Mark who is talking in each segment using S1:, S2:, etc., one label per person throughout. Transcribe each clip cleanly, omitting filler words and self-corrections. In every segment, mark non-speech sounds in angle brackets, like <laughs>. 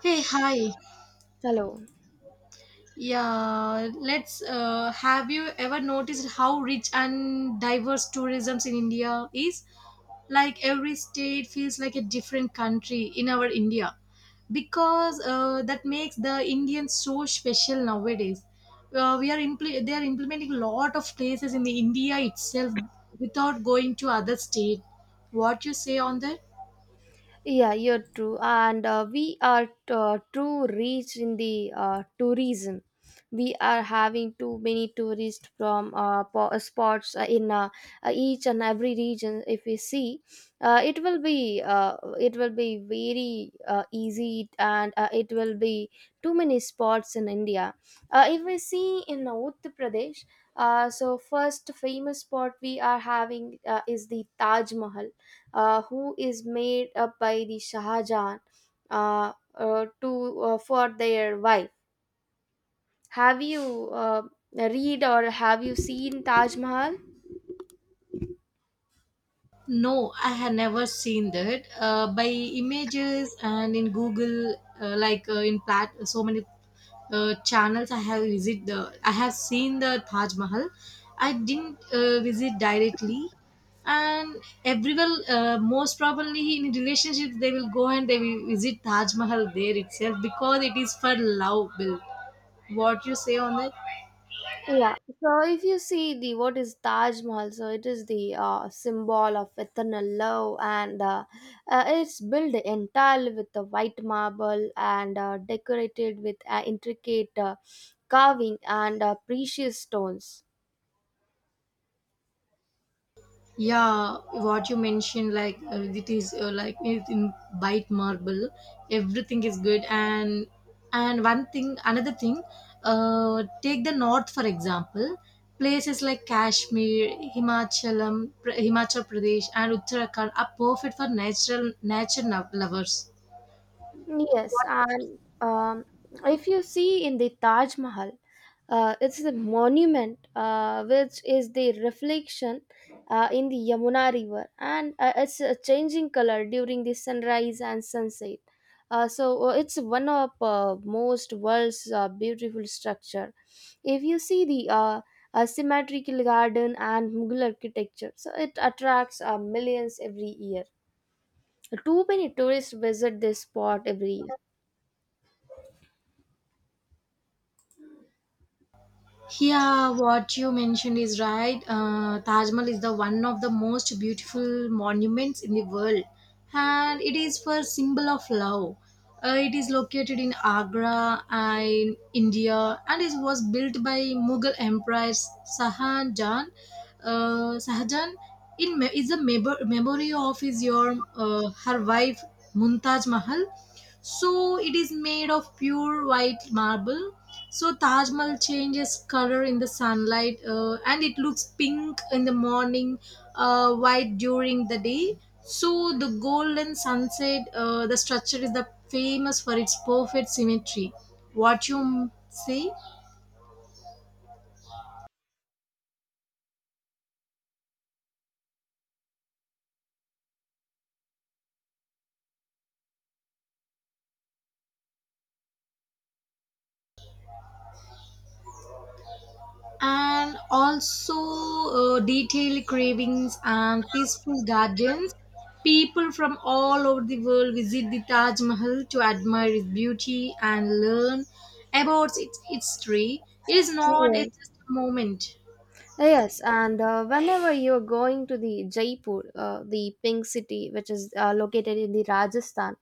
S1: Hey, hi.
S2: Hello.
S1: Yeah, let's. Have you ever noticed how rich and diverse tourism in India is? Like every state feels like a different country in our India, because that makes the Indians so special nowadays. They are implementing a lot of places in the India itself without going to other state. What you say on that?
S2: Yeah, you're true. And we are too rich in the tourism. We are having too many tourists from spots in each and every region. If we see, it will be very easy, and it will be too many spots in India. If we see in Uttar Pradesh, so first famous spot we are having is the Taj Mahal, who is made up by the Shah Jahan, to for their wife. Have you read or have you seen Taj Mahal?
S1: No, I had never seen that. By images and in Google, so many channels, I have visit the. I have seen the Taj Mahal. I didn't visit directly, and everyone, most probably in relationships, they will go and they will visit Taj Mahal there itself because it is for love built. What you say on that?
S2: Yeah. So if you see the what is Taj Mahal, so it is the symbol of eternal love, and it's built entirely with the white marble and decorated with intricate carving and precious stones.
S1: Yeah, what you mentioned, it is, it in bite marble, everything is good. And and one thing another thing uh take the north for example. Places like Kashmir, Himachal Pradesh and Uttarakhand are perfect for natural nature no- lovers.
S2: Yes, and um, if you see in the Taj Mahal, it's the monument which is the reflection in the Yamuna River, and it's a changing color during the sunrise and sunset. It's one of most world's beautiful structure. If you see the asymmetrical garden and Mughal architecture, so it attracts millions every year. Too many tourists visit this spot every year.
S1: Yeah, what you mentioned is right. Taj Mahal is the one of the most beautiful monuments in the world, and it is for symbol of love. It is located in Agra, in India, and it was built by Mughal emperors Sahajan. Sahajan is a memory of his your her wife Mumtaz Mahal, so it is made of pure white marble. So Taj Mahal changes color in the sunlight, and it looks pink in the morning, white during the day. So the golden sunset, the structure is the famous for its perfect symmetry. What you say? And also, detailed cravings and peaceful gardens. People from all over the world visit the Taj Mahal to admire its beauty and learn about its history. It is not
S2: 对
S1: It's just a moment.
S2: Yes, and whenever you're going to the Jaipur, the pink city, which is located in the Rajasthan,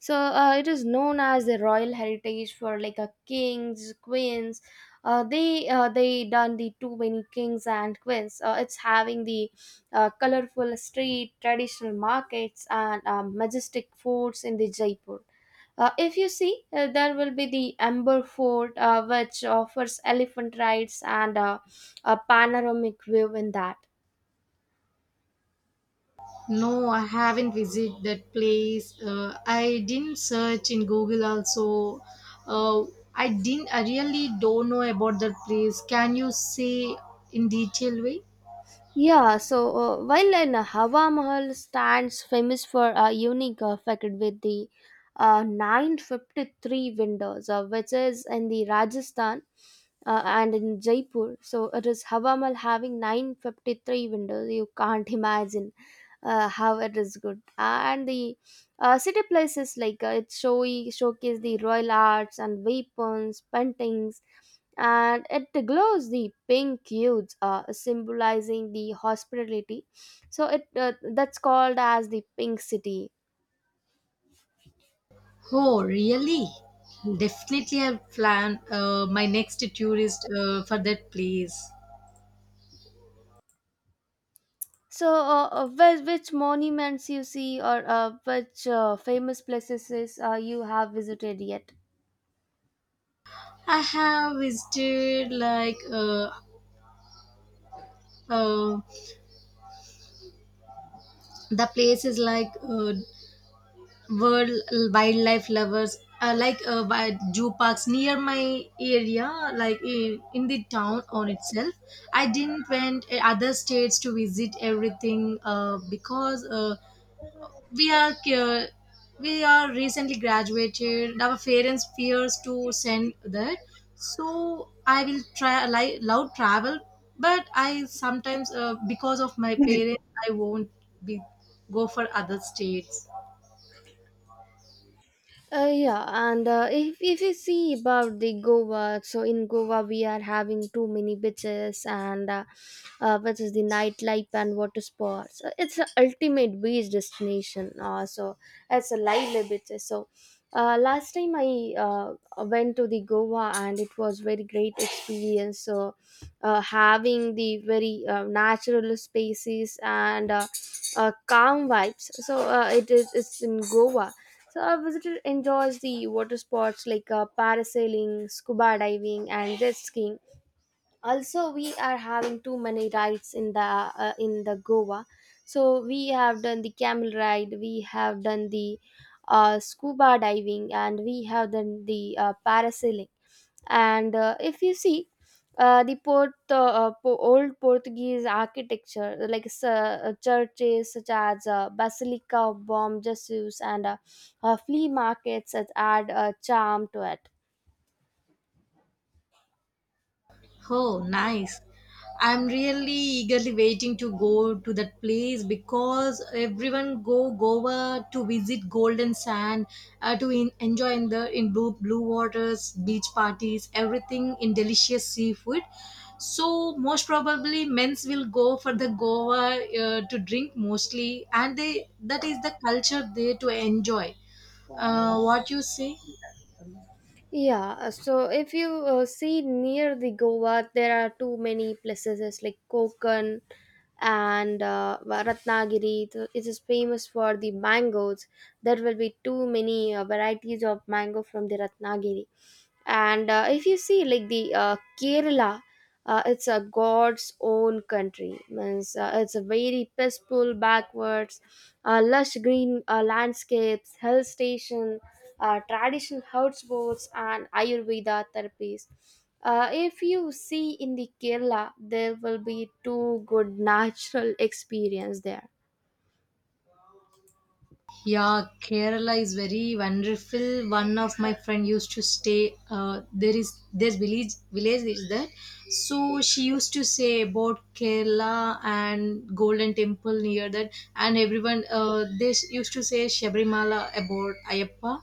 S2: so it is known as the royal heritage for like a kings, queens. They done the too many kings and queens. It's having the colorful street, traditional markets, and majestic forts in the Jaipur. If you see, there will be the Amber Fort, which offers elephant rides and a panoramic view in that.
S1: No, I haven't visited that place. I didn't search in Google also. Uh, I didn't. I really don't know about that place. Can you say in detail way?
S2: Yeah, so while in Hawa Mahal stands famous for a unique effect with the 953 windows, which is in the Rajasthan, and in Jaipur. So it is Hawa Mahal having 953 windows. You can't imagine how it is good. And the city places like it showy showcase the royal arts and weapons, paintings, and it glows the pink hues, symbolizing the hospitality. So it that's called as the pink city.
S1: Oh, really? Definitely, I'll plan my next tourist for that place.
S2: So, which monuments you see, or which famous places is, you have visited yet?
S1: I have visited uh, the places like World Wildlife Lovers, by zoo parks near my area, like in the town on itself. I didn't went other states to visit everything because we are cur- we are recently graduated, our parents fears to send that, so I will try like loud travel. But I sometimes, because of my parents, I won't be go for other states.
S2: Yeah, and if you see about the Goa, so in Goa we are having too many beaches and which is the nightlife and water sports. It's an ultimate beach destination. So it's a lively beach. So last time I went to the Goa and it was very great experience. So having the very natural spaces and calm vibes. So it's in Goa. So a visitor enjoys the water sports like parasailing, scuba diving, and jet skiing. Also, we are having too many rides in the Goa. So we have done the camel ride, we have done the scuba diving, and we have done the parasailing, and if you see old Portuguese architecture, like churches such as Basilica of Bom Jesus and flea markets, that add a charm to it.
S1: Oh, nice. I'm really eagerly waiting to go to that place because everyone go Goa to visit Golden Sand, enjoy in the in blue blue waters, beach parties, everything in delicious seafood. So most probably men's will go for the Goa to drink mostly, and they that is the culture there to enjoy. What you say?
S2: Yeah, so if you see near the Goa, there are too many places it's like Konkan and Ratnagiri. So it is famous for the mangoes. There will be too many varieties of mango from the Ratnagiri. And if you see like the Kerala, it's a God's own country. Means it's a very peaceful, backwards, lush green landscapes, hill station, traditional herbs, sports and ayurveda therapies. If you see in the Kerala there will be two good natural experience there.
S1: Yeah, Kerala is very wonderful. One of my friend used to stay. There is there's village is there, so she used to say about Kerala and Golden Temple near that, and everyone used to say Shabrimala about Ayappa.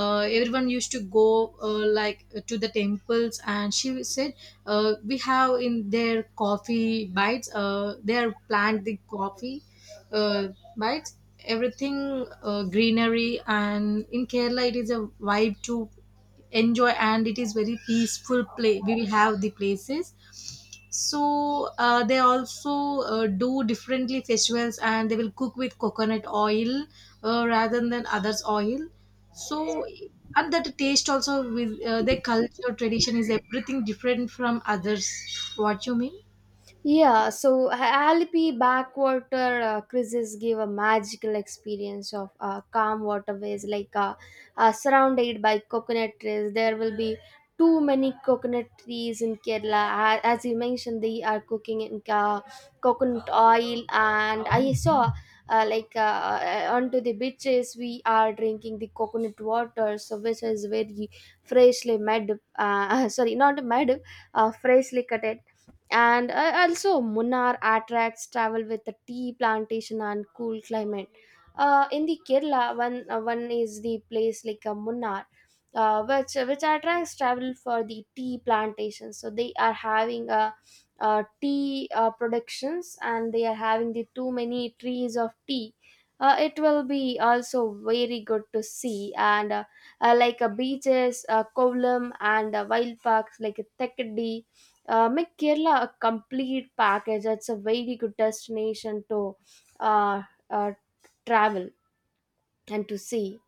S1: Everyone used to go to the temples, and she said we have in their coffee bites. They are plant the coffee uh, bites, everything greenery. And in Kerala, it is a vibe to enjoy, and it is very peaceful play, we will have the places. So they also do differently festivals, and they will cook with coconut oil rather than others oil. So, and that taste also with their culture tradition, is everything different from others. What you mean?
S2: Yeah, so Alpi backwater creases give a magical experience of calm waterways, like surrounded by coconut trees. There will be too many coconut trees in Kerala. As you mentioned, they are cooking in coconut oil, and I saw onto the beaches we are drinking the coconut water, so which is very freshly made. <laughs> Sorry, not made, freshly cut. And also Munnar attracts travel with the tea plantation and cool climate. In the Kerala one is the place like Munnar, which attracts travel for the tea plantation. So they are having a, tea productions and they are having the too many trees of tea. It will be also very good to see, and like beaches Kovalam and wild parks like Thekdi make Kerala a complete package. It's a very good destination to uh, uh, travel and to see.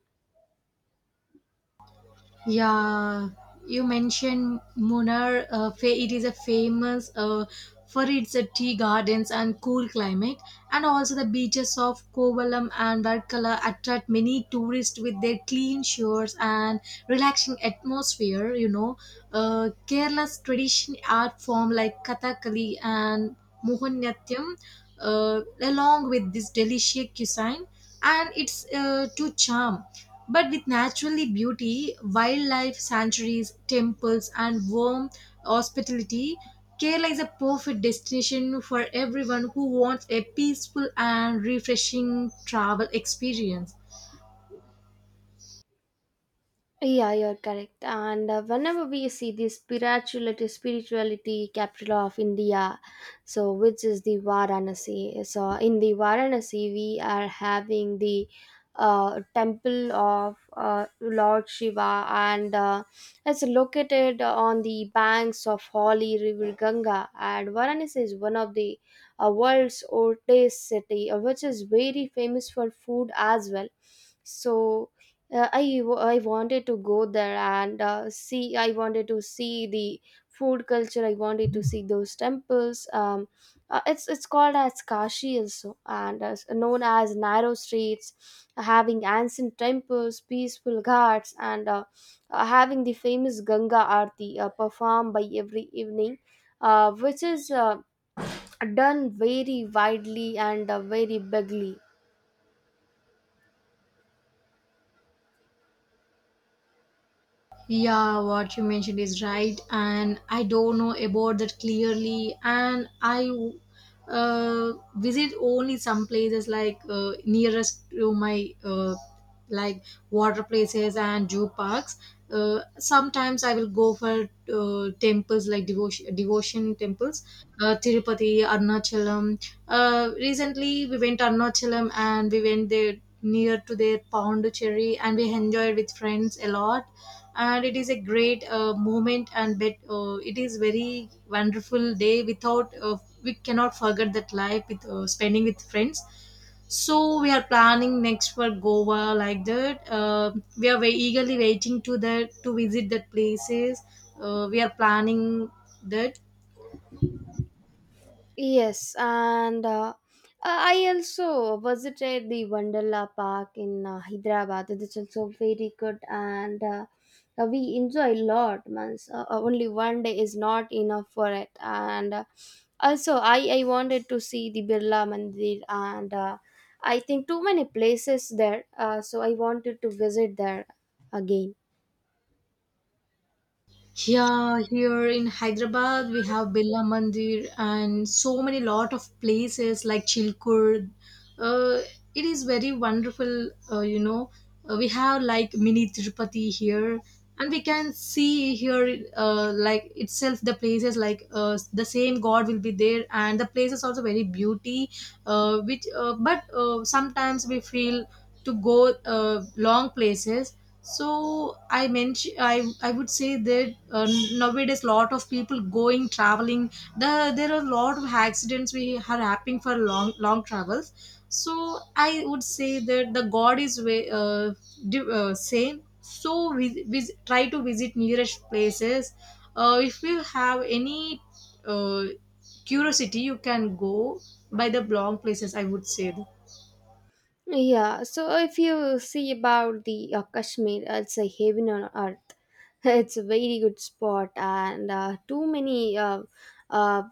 S1: Yeah, you mentioned Munnar. It is a famous for its tea gardens and cool climate, and also the beaches of Kovalam and Varkala attract many tourists with their clean shores and relaxing atmosphere. You know, Kerala's traditional art form like Kathakali and Mohiniyattam, along with this delicious cuisine, and it's to charm. But with naturally beauty, wildlife sanctuaries, temples, and warm hospitality, Kerala is a perfect destination for everyone who wants a peaceful and refreshing travel experience.
S2: Yeah, you're correct. And whenever we see this spirituality capital of India, so which is the Varanasi. So in the Varanasi, we are having the temple of Lord Shiva, and it's located on the banks of Holy River Ganga. And Varanasi is one of the world's oldest city, which is very famous for food as well. So I wanted to go there and see. I wanted to see the food culture. I wanted to see those temples. It's called as Kashi also, and known as narrow streets, having ancient temples, peaceful ghats, and having the famous Ganga Aarti performed by every evening, which is done very widely and very bigly.
S1: Yeah, what you mentioned is right, and I don't know about that clearly. And I, visit only some places like nearest to my like water places and zoo parks. Sometimes I will go for temples like devotion temples, Tirupati, Arnachalam. Recently, we went to Arnachalam and we went there near to their Pondicherry, and we enjoyed with friends a lot, and it is a great moment and bet, it is very wonderful day. Without we cannot forget that life with spending with friends. So we are planning next for Goa, like that. We are very eagerly waiting to that to visit that places. We are planning that.
S2: Yes, and I also visited the Wonderla Park in Hyderabad. It is also very good, and we enjoy a lot. Means only one day is not enough for it. And also, I wanted to see the Birla Mandir, and I think too many places there. So I wanted to visit there again.
S1: Yeah, here in Hyderabad, we have Billa Mandir and so many lot of places like Chilkur. Uh, it is very wonderful, you know. We have like mini Tirupati here, and we can see here, like itself, the places like the same God will be there, and the places also very beauty. But sometimes we feel to go long places. So i mention i i would say that nowadays lot of people going traveling. There are a lot of accidents we are happening for long long travels. So I would say that the god is way, same. So we try to visit nearest places. If you have any uh, curiosity, you can go by the long places, I would say.
S2: Yeah, so if you see about the Kashmir, it's a heaven on earth. <laughs> It's a very good spot, and too many uh,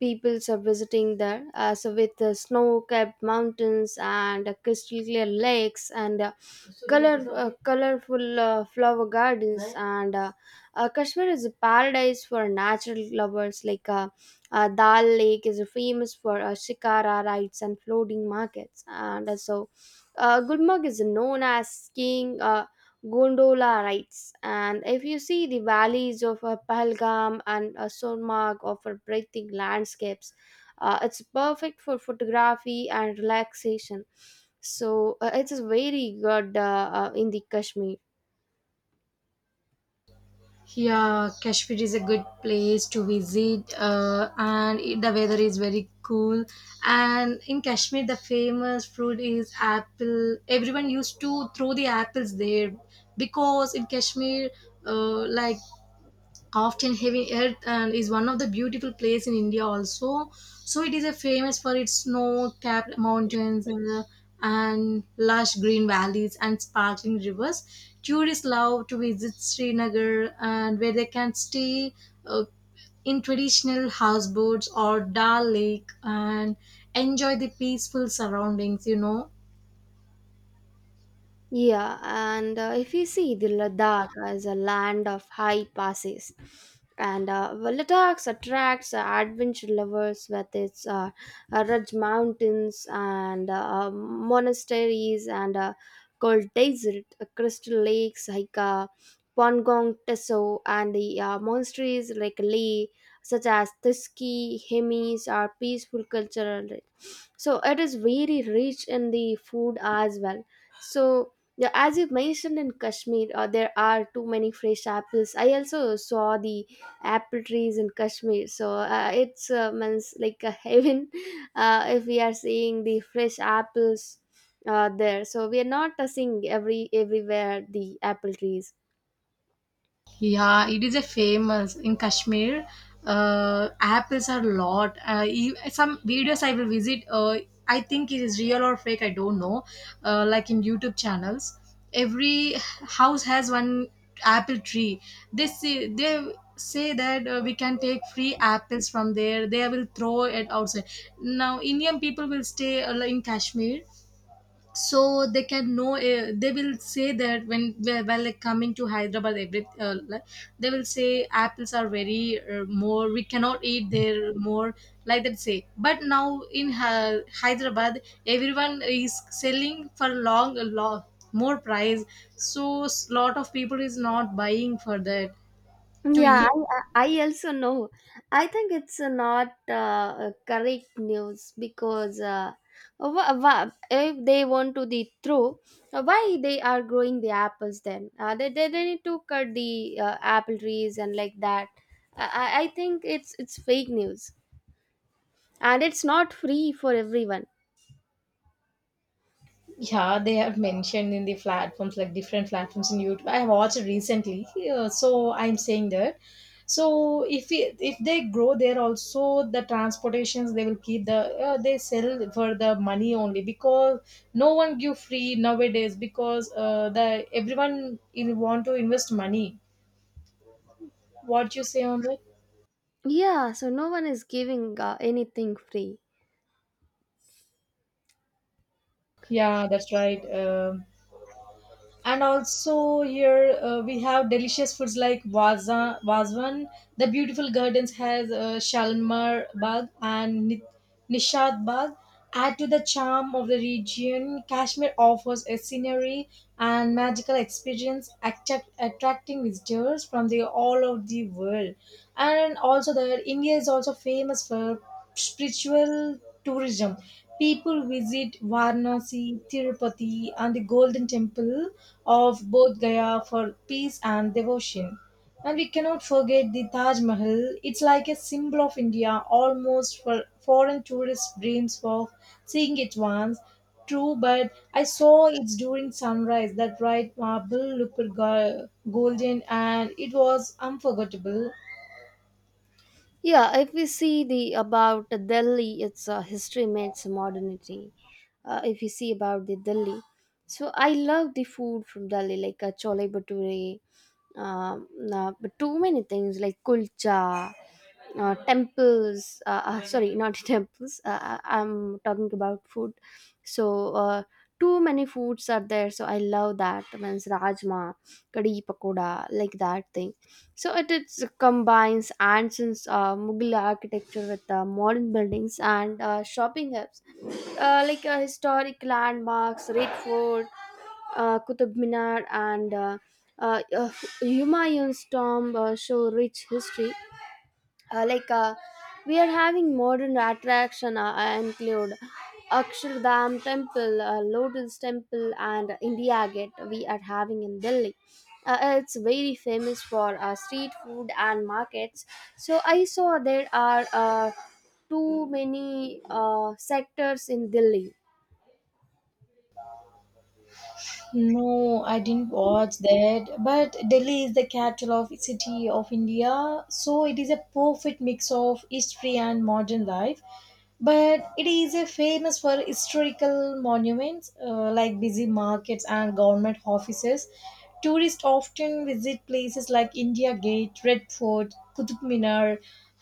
S2: peoples are visiting there. So with the snow-capped mountains and crystal clear lakes and colorful flower gardens, and Kashmir is a paradise for natural lovers. Like Dal Lake is famous for shikara rides and floating markets, and Gulmarg is known as skiing gondola rides, and if you see the valleys of Pahalgam and Sonmarg offer breathtaking landscapes. It's perfect for photography and relaxation. So it is very good in the Kashmir.
S1: Yeah, Kashmir is a good place to visit, and the weather is very cool. And in Kashmir, the famous fruit is apple. Everyone used to throw the apples there because in Kashmir, uh, like often heavy earth, and is one of the beautiful place in India also. So it is a famous for its snow capped mountains, and lush green valleys and sparkling rivers. Tourists love to visit Srinagar, and where they can stay uh, in traditional houseboats or Dal Lake, and enjoy the peaceful surroundings, you know.
S2: Yeah, and if you see the Ladakh as a land of high passes, and well, Ladakh attracts adventure lovers with its Raj mountains and monasteries and cold desert, crystal lakes like Pangong Teso and the monasteries like Lee, such as Tiski, Hemis, are peaceful cultural. So it is very rich in the food as well. So yeah, as you mentioned in Kashmir, there are too many fresh apples. I also saw the apple trees in Kashmir, so it's means like a heaven. <laughs> If we are seeing the fresh apples there. So we are not seeing everywhere the apple trees.
S1: Yeah, it is a famous in Kashmir. Apples are lot. Some videos I will visit. I think it is real or fake. I don't know. Like in YouTube channels, every house has one apple tree. They say that we can take free apples from there. They will throw it outside. Now Indian people will stay in Kashmir, so they can know, they will say that when, while like coming to Hyderabad, every they will say apples are very more, we cannot eat there more, like that say. But now in Hyderabad everyone is selling for long a lot more price, so lot of people is not buying for that to
S2: Yeah,
S1: eat.
S2: I also know. I think it's not correct news, because if they want to the through, why they are growing the apples then? They need to cut the apple trees and like that. I think it's fake news, and it's not free for everyone.
S1: Yeah, they have mentioned in the platforms, like different platforms in YouTube. I watched recently, so I'm saying that. So if they grow there also, the transportations they will keep the they sell for the money only, because no one give free nowadays, because the everyone in want to invest money. What you say on that?
S2: Yeah, so no one is giving anything free.
S1: Yeah, that's right. Um, and also here we have delicious foods like Vaza, Vazwan. The beautiful gardens has Shalimar Bagh and Nishad Bagh. Add to the charm of the region, Kashmir offers a scenery and magical experience attracting visitors from the all of the world. And also there, India is also famous for spiritual tourism. People visit Varanasi, Tirupati and the Golden Temple of both Gaya for peace and devotion. And we cannot forget the Taj Mahal. It's like a symbol of India, almost for foreign tourist dreams of seeing it once. True, but I saw it during sunrise. That bright marble looked golden, and it was unforgettable.
S2: Yeah, if we see the about Delhi, it's history meets modernity. If you see about the Delhi, so I love the food from Delhi, like chole bhature, um, but too many things like kulcha, temples, sorry not <laughs> temples, I'm talking about food. So too many foods are there, so I love that. Means rajma, kadi pakoda, like that thing. So it combines ancient Mughal architecture with modern buildings and shopping hubs, like historic landmarks Red Fort, Qutub Minar and uh, uh, Humayun's tomb show rich history, like we are having modern attraction include Akshardham Temple, Lotus Temple and India Gate we are having in Delhi. It's very famous for street food and markets. So I saw there are too many sectors in Delhi.
S1: No, I didn't watch that. But Delhi is the capital of city of India, so it is a perfect mix of history and modern life. But it is a famous for historical monuments, like busy markets and government offices. Tourists often visit places like India Gate, Red Fort, Qutub Minar,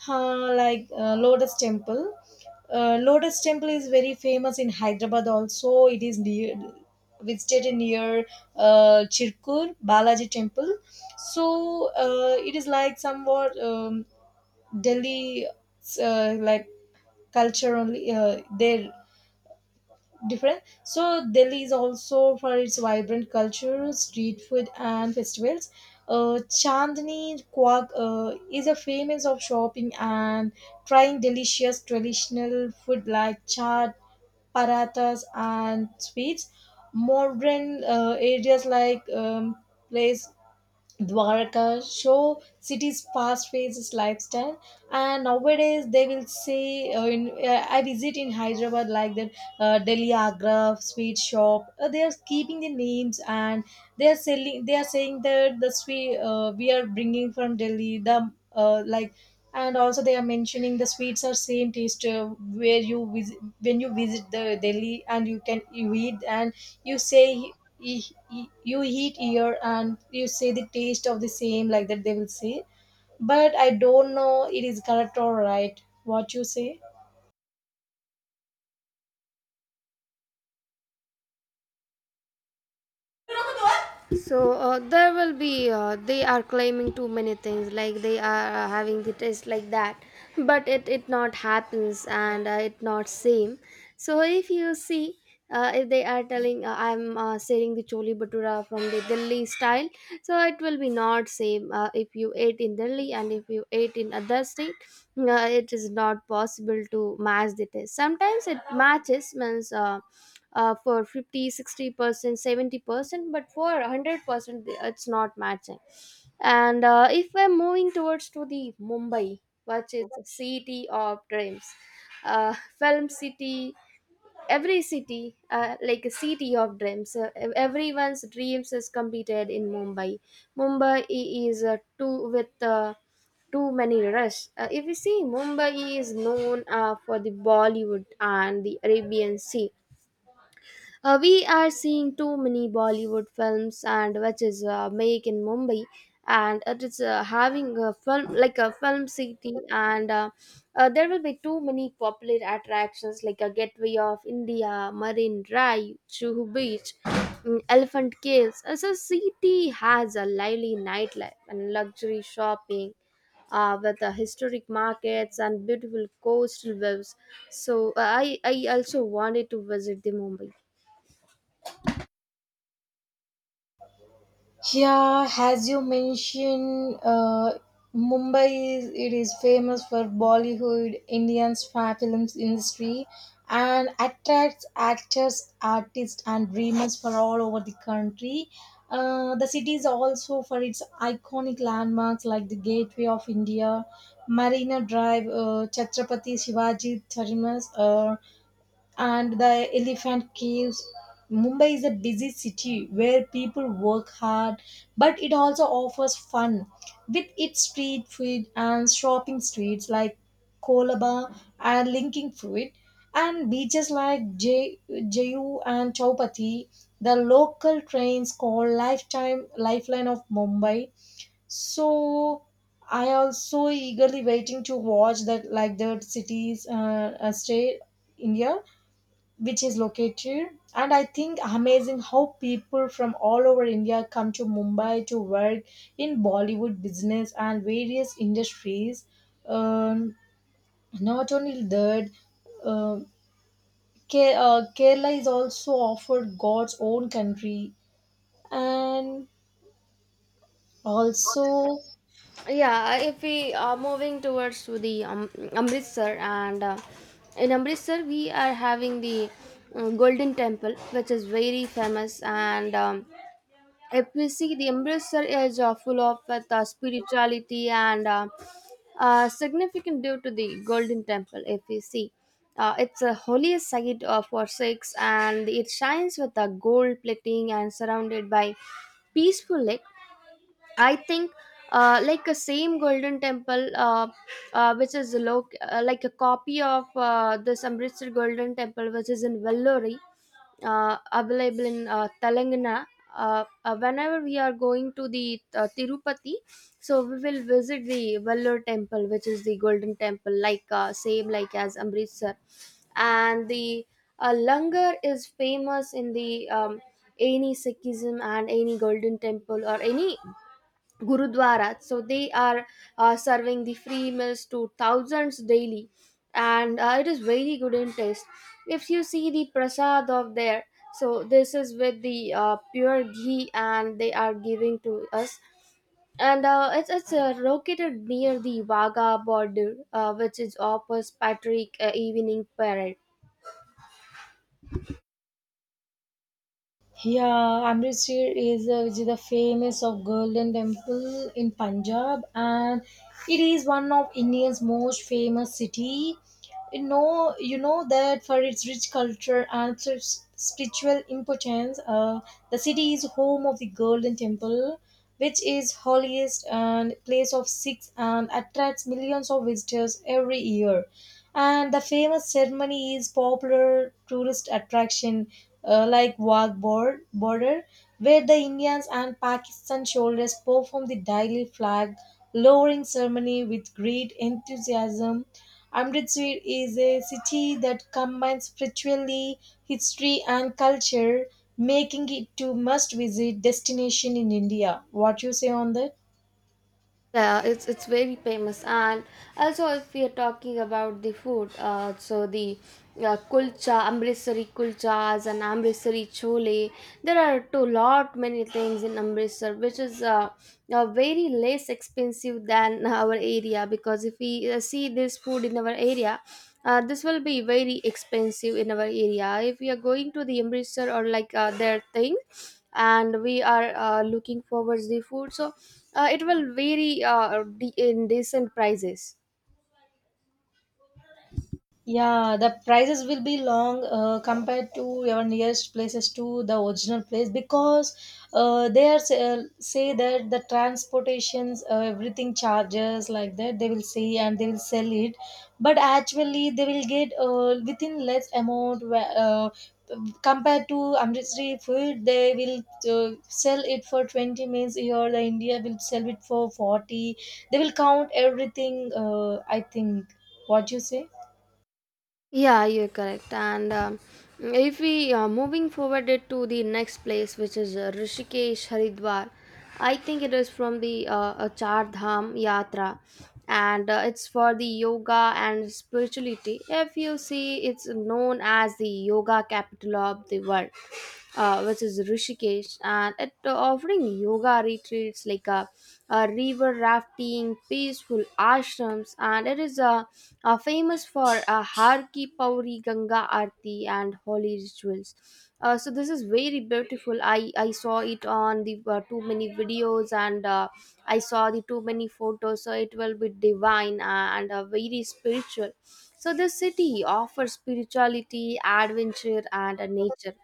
S1: Lotus Temple. Lotus Temple is very famous in Hyderabad also. It is near visited near Chirkur Balaji Temple. So it is like somewhat Delhi uh, like culture only. Their different. So Delhi is also for its vibrant culture, street food, and festivals. Chandni Chowk is a famous of shopping and trying delicious traditional food like chaat, parathas, and sweets. Modern areas like place Dwarka show city's fast-paced lifestyle, and nowadays they will say, in, I visit in Hyderabad like that Delhi Agra sweet shop. They are keeping the names and they are selling. They are saying that the sweet we are bringing from Delhi. The And also, they are mentioning the sweets are same taste where you visit when you visit the Delhi and you can you eat and you say y- you eat here and you say the taste of the same like that they will say, but I don't know it is correct or right what you say.
S2: So there will be they are claiming too many things like they are having the test like that, but it not happens and it not same. So if you see. If they are telling I'm selling the choli bhatura from the Delhi style, so it will be not same if you ate in Delhi and if you ate in other state. It is not possible to match the taste. Sometimes it matches means for 50, 60% 70% but for 100% it's not matching. And if we're moving towards to the Mumbai, which is the city of dreams, uh, film city. Every city like a city of dreams, everyone's dreams is completed in Mumbai. Mumbai is too with too many rush. If you see, Mumbai is known for the Bollywood and the Arabian Sea. We are seeing too many Bollywood films and which is made in Mumbai, and it is having a film like a film city. And there will be too many popular attractions like a Gateway of India, Marine Drive, Chuhu Beach, mm, Elephant Caves. As a city has a lively nightlife and luxury shopping with the historic markets and beautiful coastal views. So I also wanted to visit the Mumbai.
S1: Yeah, as you mentioned, Mumbai is, it is famous for Bollywood, Indian's films industry, and attracts actors, artists, and dreamers from all over the country. The city is also for its iconic landmarks like the Gateway of India, Marina Drive, Chhatrapati Shivaji Terminus, and the elephant caves. Mumbai is a busy city where people work hard, but it also offers fun with its street food and shopping streets like Kolaba and linking food, and beaches like Jayu and Chaupati. The local trains called lifetime lifeline of Mumbai. So I also eagerly waiting to watch that like the cities stay India, which is located. And I think amazing how people from all over India come to Mumbai to work in Bollywood business and various industries. um, Not only that, uh, Ke- kerala is also offered god's own country, and also.
S2: Yeah, if we are moving towards to the Amritsar and in Amritsar we are having the Golden Temple, which is very famous. And if we see, the Amritsar is full of with, spirituality and significant due to the Golden Temple. If we see, it's a holy site for Sikhs and it shines with a gold plating and surrounded by peaceful lake. I think like a same Golden Temple, like a copy of this Amritsar Golden Temple, which is in Vellore, available in Telangana. Whenever we are going to the Tirupati, so we will visit the Vellore Temple, which is the Golden Temple, like same like as Amritsar. And the Langar is famous in the any Sikhism and any Golden Temple or any gurudwaras, so they are serving the free meals to thousands daily, and it is very good in taste. If you see the prasad of there, so this is with the pure ghee and they are giving to us. And it's located near the Vaga border, which is opposite Patrick evening parade.
S1: Yeah, Amritsar is, which is the famous of Golden Temple in Punjab, and it is one of India's most famous city. You know that for its rich culture and its spiritual importance, the city is home of the Golden Temple, which is holiest and place of Sikhs and attracts millions of visitors every year. And the famous ceremony is popular tourist attraction, like Border, where the Indians and Pakistan soldiers perform the daily flag lowering ceremony with great enthusiasm. Amritsar is a city that combines spirituality, history, and culture, making it to must visit destination in India. What you say on that?
S2: Yeah, it's very famous, and also if we are talking about the food, so the kulcha, Amritsari kulchas and Amritsari chole, there are too lot many things in Amritsar, which is very less expensive than <laughs> our area, because if we see this food in our area. This will be very expensive in our area if we are going to the Amritsar or like their thing, and we are looking forward the food. So it will vary in decent prices.
S1: Yeah, the prices will be long compared to your nearest places to the original place, because say that the transportations, everything charges like that they will say and they will sell it, but actually they will get within less amount compared to Amritsari food. They will sell it for 20 means here the India will sell it for 40. They will count everything. I think what you say.
S2: Yeah, you're correct. And if we moving forward it to the next place, which is Rishikesh Haridwar, I think it is from the Char Dham Yatra, and it's for the yoga and spirituality. If you see, it's known as the yoga capital of the world, which is Rishikesh, and it offering yoga retreats like a river rafting, peaceful ashrams, and it is famous for Har Ki Pauri Ganga Aarti and holy rituals. So this is very beautiful. I saw it on the too many videos and I saw the too many photos. So it will be divine and very spiritual. So this city offers spirituality, adventure, and nature.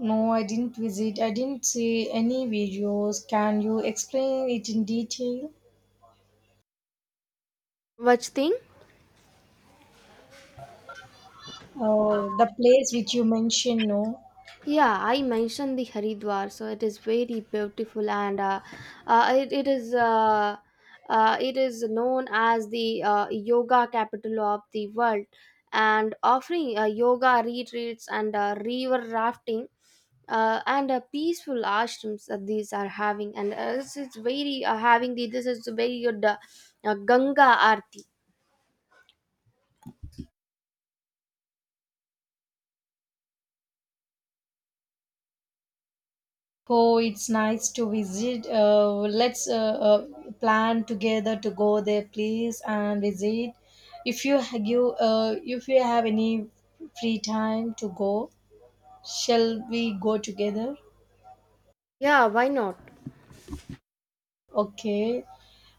S1: No, I didn't visit. I didn't see any videos. Can you explain it in detail?
S2: Which thing?
S1: The place which you mentioned, no?
S2: Yeah, I mentioned the Haridwar, so it is very beautiful and uh, it, it is uh, it is known as the yoga capital of the world and offering yoga retreats and river rafting and peaceful ashrams that these are having, and this is very good Ganga Aarti.
S1: Oh, it's nice to visit. Let's uh, plan together to go there, please, and visit. If you if you have any free time to go, shall we go together?
S2: Yeah, why not?
S1: Okay.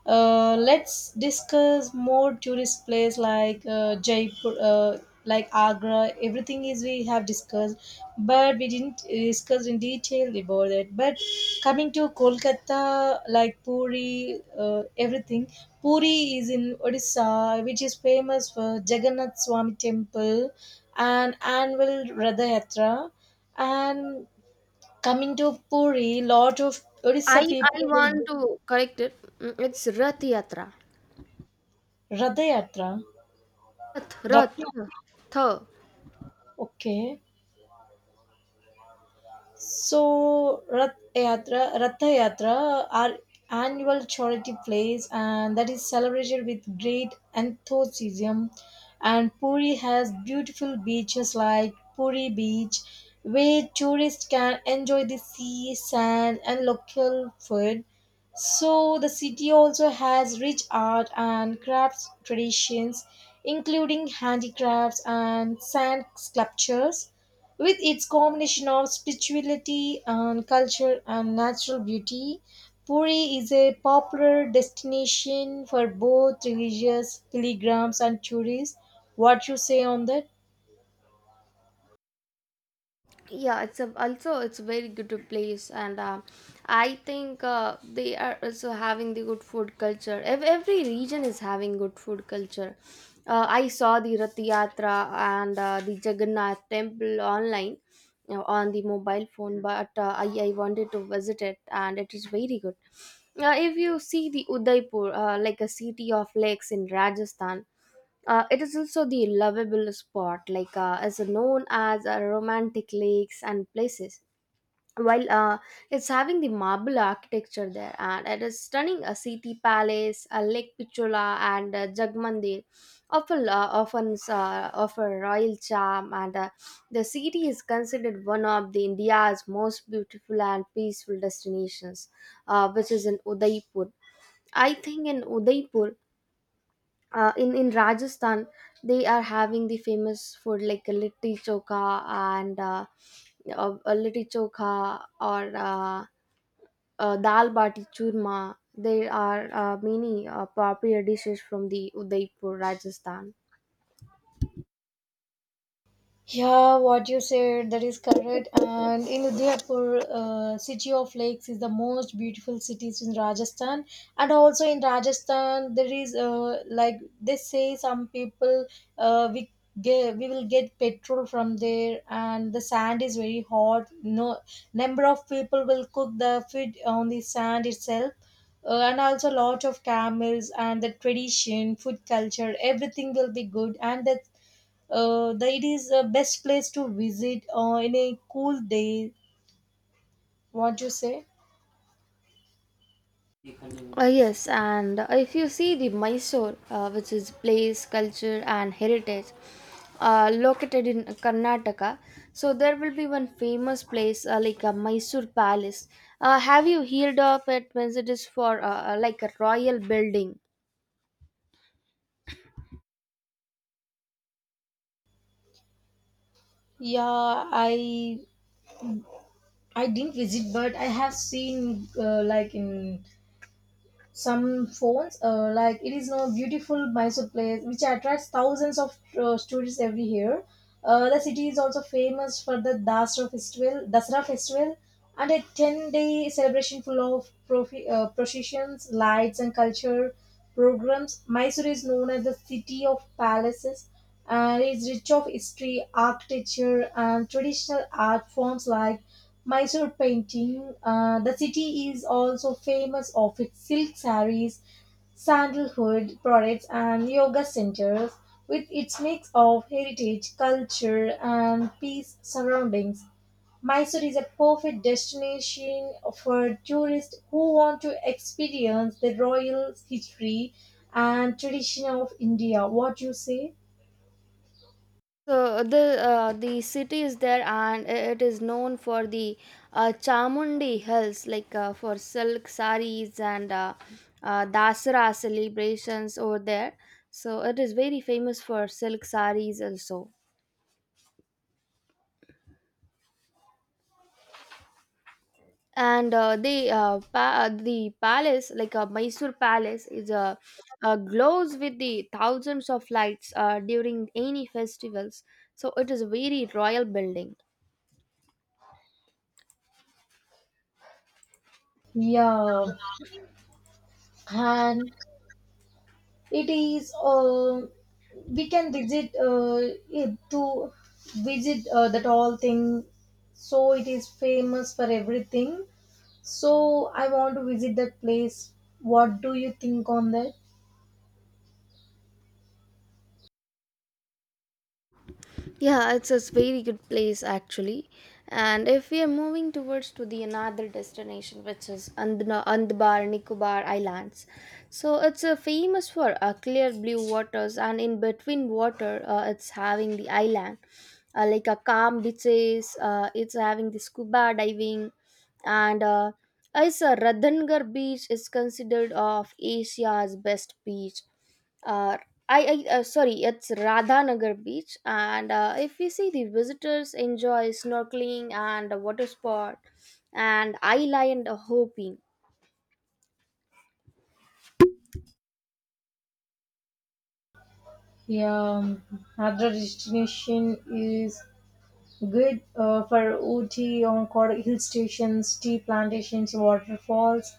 S1: Let's discuss more tourist place like Jaipur, like Agra. Everything is we have discussed, but we didn't discuss in detail about it. But coming to Kolkata, like Puri, everything. Puri is in Odisha, which is famous for Jagannath Swami Temple and annual Radha Yatra. And coming to Puri, lot of Odisha
S2: I
S1: people will
S2: want to correct it. Mm, it's Rath Yatra.
S1: Rath Yatra
S2: Rath,
S1: रत्न
S2: Rath, Tha.
S1: Okay. So Rath Yatra, Ratha Yatra are annual charity plays and that is celebrated with great enthusiasm. And Puri has beautiful beaches like Puri Beach, where tourists can enjoy the sea, sand and local food. So the city also has rich art and crafts traditions, including handicrafts and sand sculptures, with its combination of spirituality and culture and natural beauty. Puri is a popular destination for both religious pilgrims and tourists. What you say on that?
S2: Yeah, it's a, also it's a very good place, and I think they are also having the good food culture. Every region is having good food culture. I saw the Rath Yatra and the Jagannath Temple online, you know, on the mobile phone, but uh, I wanted to visit it, and it is very good. If you see the Udaipur, like a city of lakes in Rajasthan, it is also the lovable spot, like is known as romantic lakes and places. While it's having the marble architecture there, and it is stunning a city palace, a lake pichula, and Jagmandir often offer royal charm, and the city is considered one of the India's most beautiful and peaceful destinations, which is in Udaipur. I think in Udaipur in Rajasthan they are having the famous food like litti chokha and litti chokha or dal bati churma. There are many popular dishes from the Udaipur, Rajasthan.
S1: Yeah, what you said, that is correct. And in Udaipur, city of lakes is the most beautiful cities in Rajasthan. And also in Rajasthan, there is like they say some people, we get, we will get petrol from there, and the sand is very hot. No number of people will cook the food on the sand itself. And also lot of camels and the tradition food culture everything will be good. And that it is the best place to visit in a cool day. What you say?
S2: Yes, and if you see the Mysore, which is place, culture, and heritage, located in Karnataka, so there will be one famous place like a Mysore Palace. Have you heard of it? Means it is for like a royal building.
S1: Yeah, I I didn't visit, but I have seen like in some phones, like it is no beautiful Mysore place which attracts thousands of tourists every year. The city is also famous for the Dasra festival, and a ten-day celebration full of processions, lights, and culture programs. Mysore is known as the city of palaces and is rich of history, architecture, and traditional art forms like Mysore painting. The city is also famous of its silk sarees, sandalwood products, and yoga centers, with its mix of heritage, culture, and peace surroundings. Mysore is a perfect destination for tourists who want to experience the royal history and tradition of India. What you say?
S2: So the city is there, and it is known for the Chamundi Hills, like for silk saris and Dasara celebrations over there. So it is very famous for silk saris also. And the palace, like Mysore Palace, is glows with the thousands of lights during any festivals. So it is a very royal building.
S1: Yeah, and it is. We can visit it to visit that all thing. So it is famous for everything. So I want to visit that place. What do you think on that?
S2: Yeah, it's a very good place actually. And if we are moving towards to the another destination, which is Andbar Nicobar Islands, so it's famous for clear blue waters, and in between water, it's having the island, like a calm beaches. It's having the scuba diving, and it's a Radhangar beach is considered of Asia's best beach. Uh, I Sorry, it's Radhanagar Beach, and if we see, the visitors enjoy snorkeling and a water sport, and island hopping.
S1: Yeah, another destination is good for Ooty or hill stations, tea plantations, waterfalls,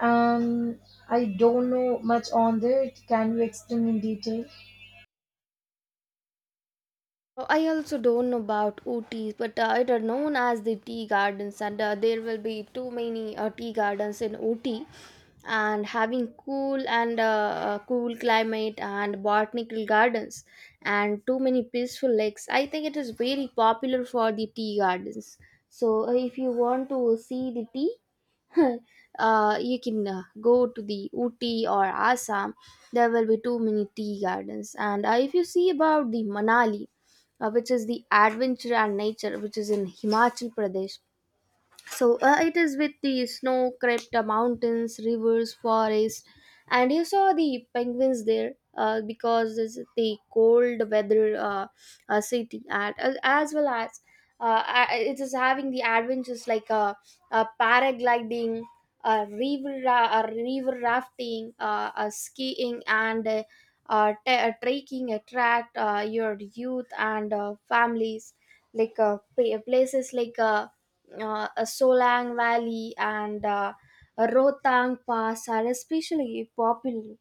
S1: and I don't know much on that. Can you explain in detail?
S2: Oh, I also don't know about Ooty, but it are known as the tea gardens, and there will be too many tea gardens in Ooty. And having cool and cool climate and botanical gardens and too many peaceful lakes. I think it is very popular for the tea gardens. So if you want to see the tea, <laughs> you can go to the Ooty or Assam. There will be too many tea gardens. And if you see about the Manali which is the adventure and nature, which is in Himachal Pradesh. So it is with the snow crept mountains, rivers, forests, and you saw the penguins there because it's the cold weather city, and as well as it is having the adventures like paragliding, river rafting, skiing, and trekking attract your youth and families like places like. Solang Valley and Rohtang Pass are especially popular.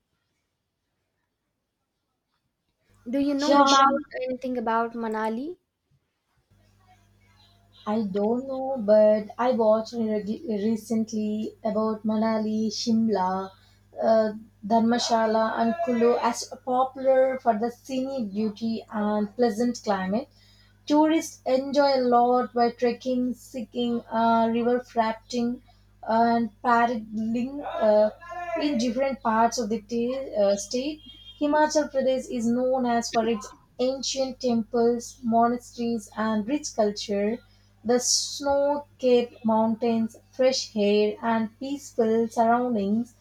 S2: Do you know
S1: Yeah,
S2: Sure. about anything about Manali?
S1: I don't know, but I watched recently about Manali, Shimla, uh, Dharmshala, and Kulu as popular for the scenic beauty and pleasant climate. Tourists enjoy a lot by trekking, seeking, river rafting, and paddling in different parts of the state. Himachal Pradesh is known as for its ancient temples, monasteries, and rich culture. The snow-capped mountains, fresh air, and peaceful surroundings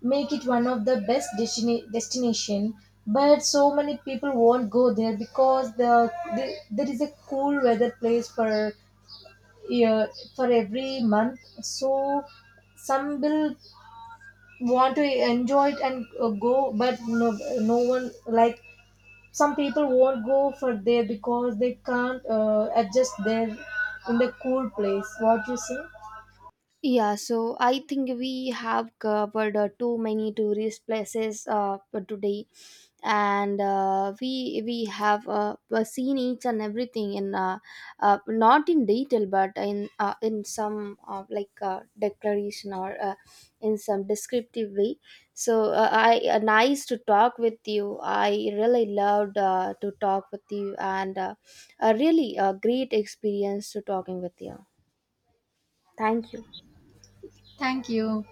S1: make it one of the best destination. But so many people won't go there because there is a cool weather place for year for every month. So some will want to enjoy it and go, but no, no one like some people won't go for there because they can't adjust there in the cool place. What you say?
S2: Yeah, so I think we have covered too many tourist places for today, and uh, we have seen each and everything in not in detail, but in some like declaration or in some descriptive way. So I nice to talk with you. I really loved to talk with you, and a really great experience to talking with you. Thank you.
S1: Thank you.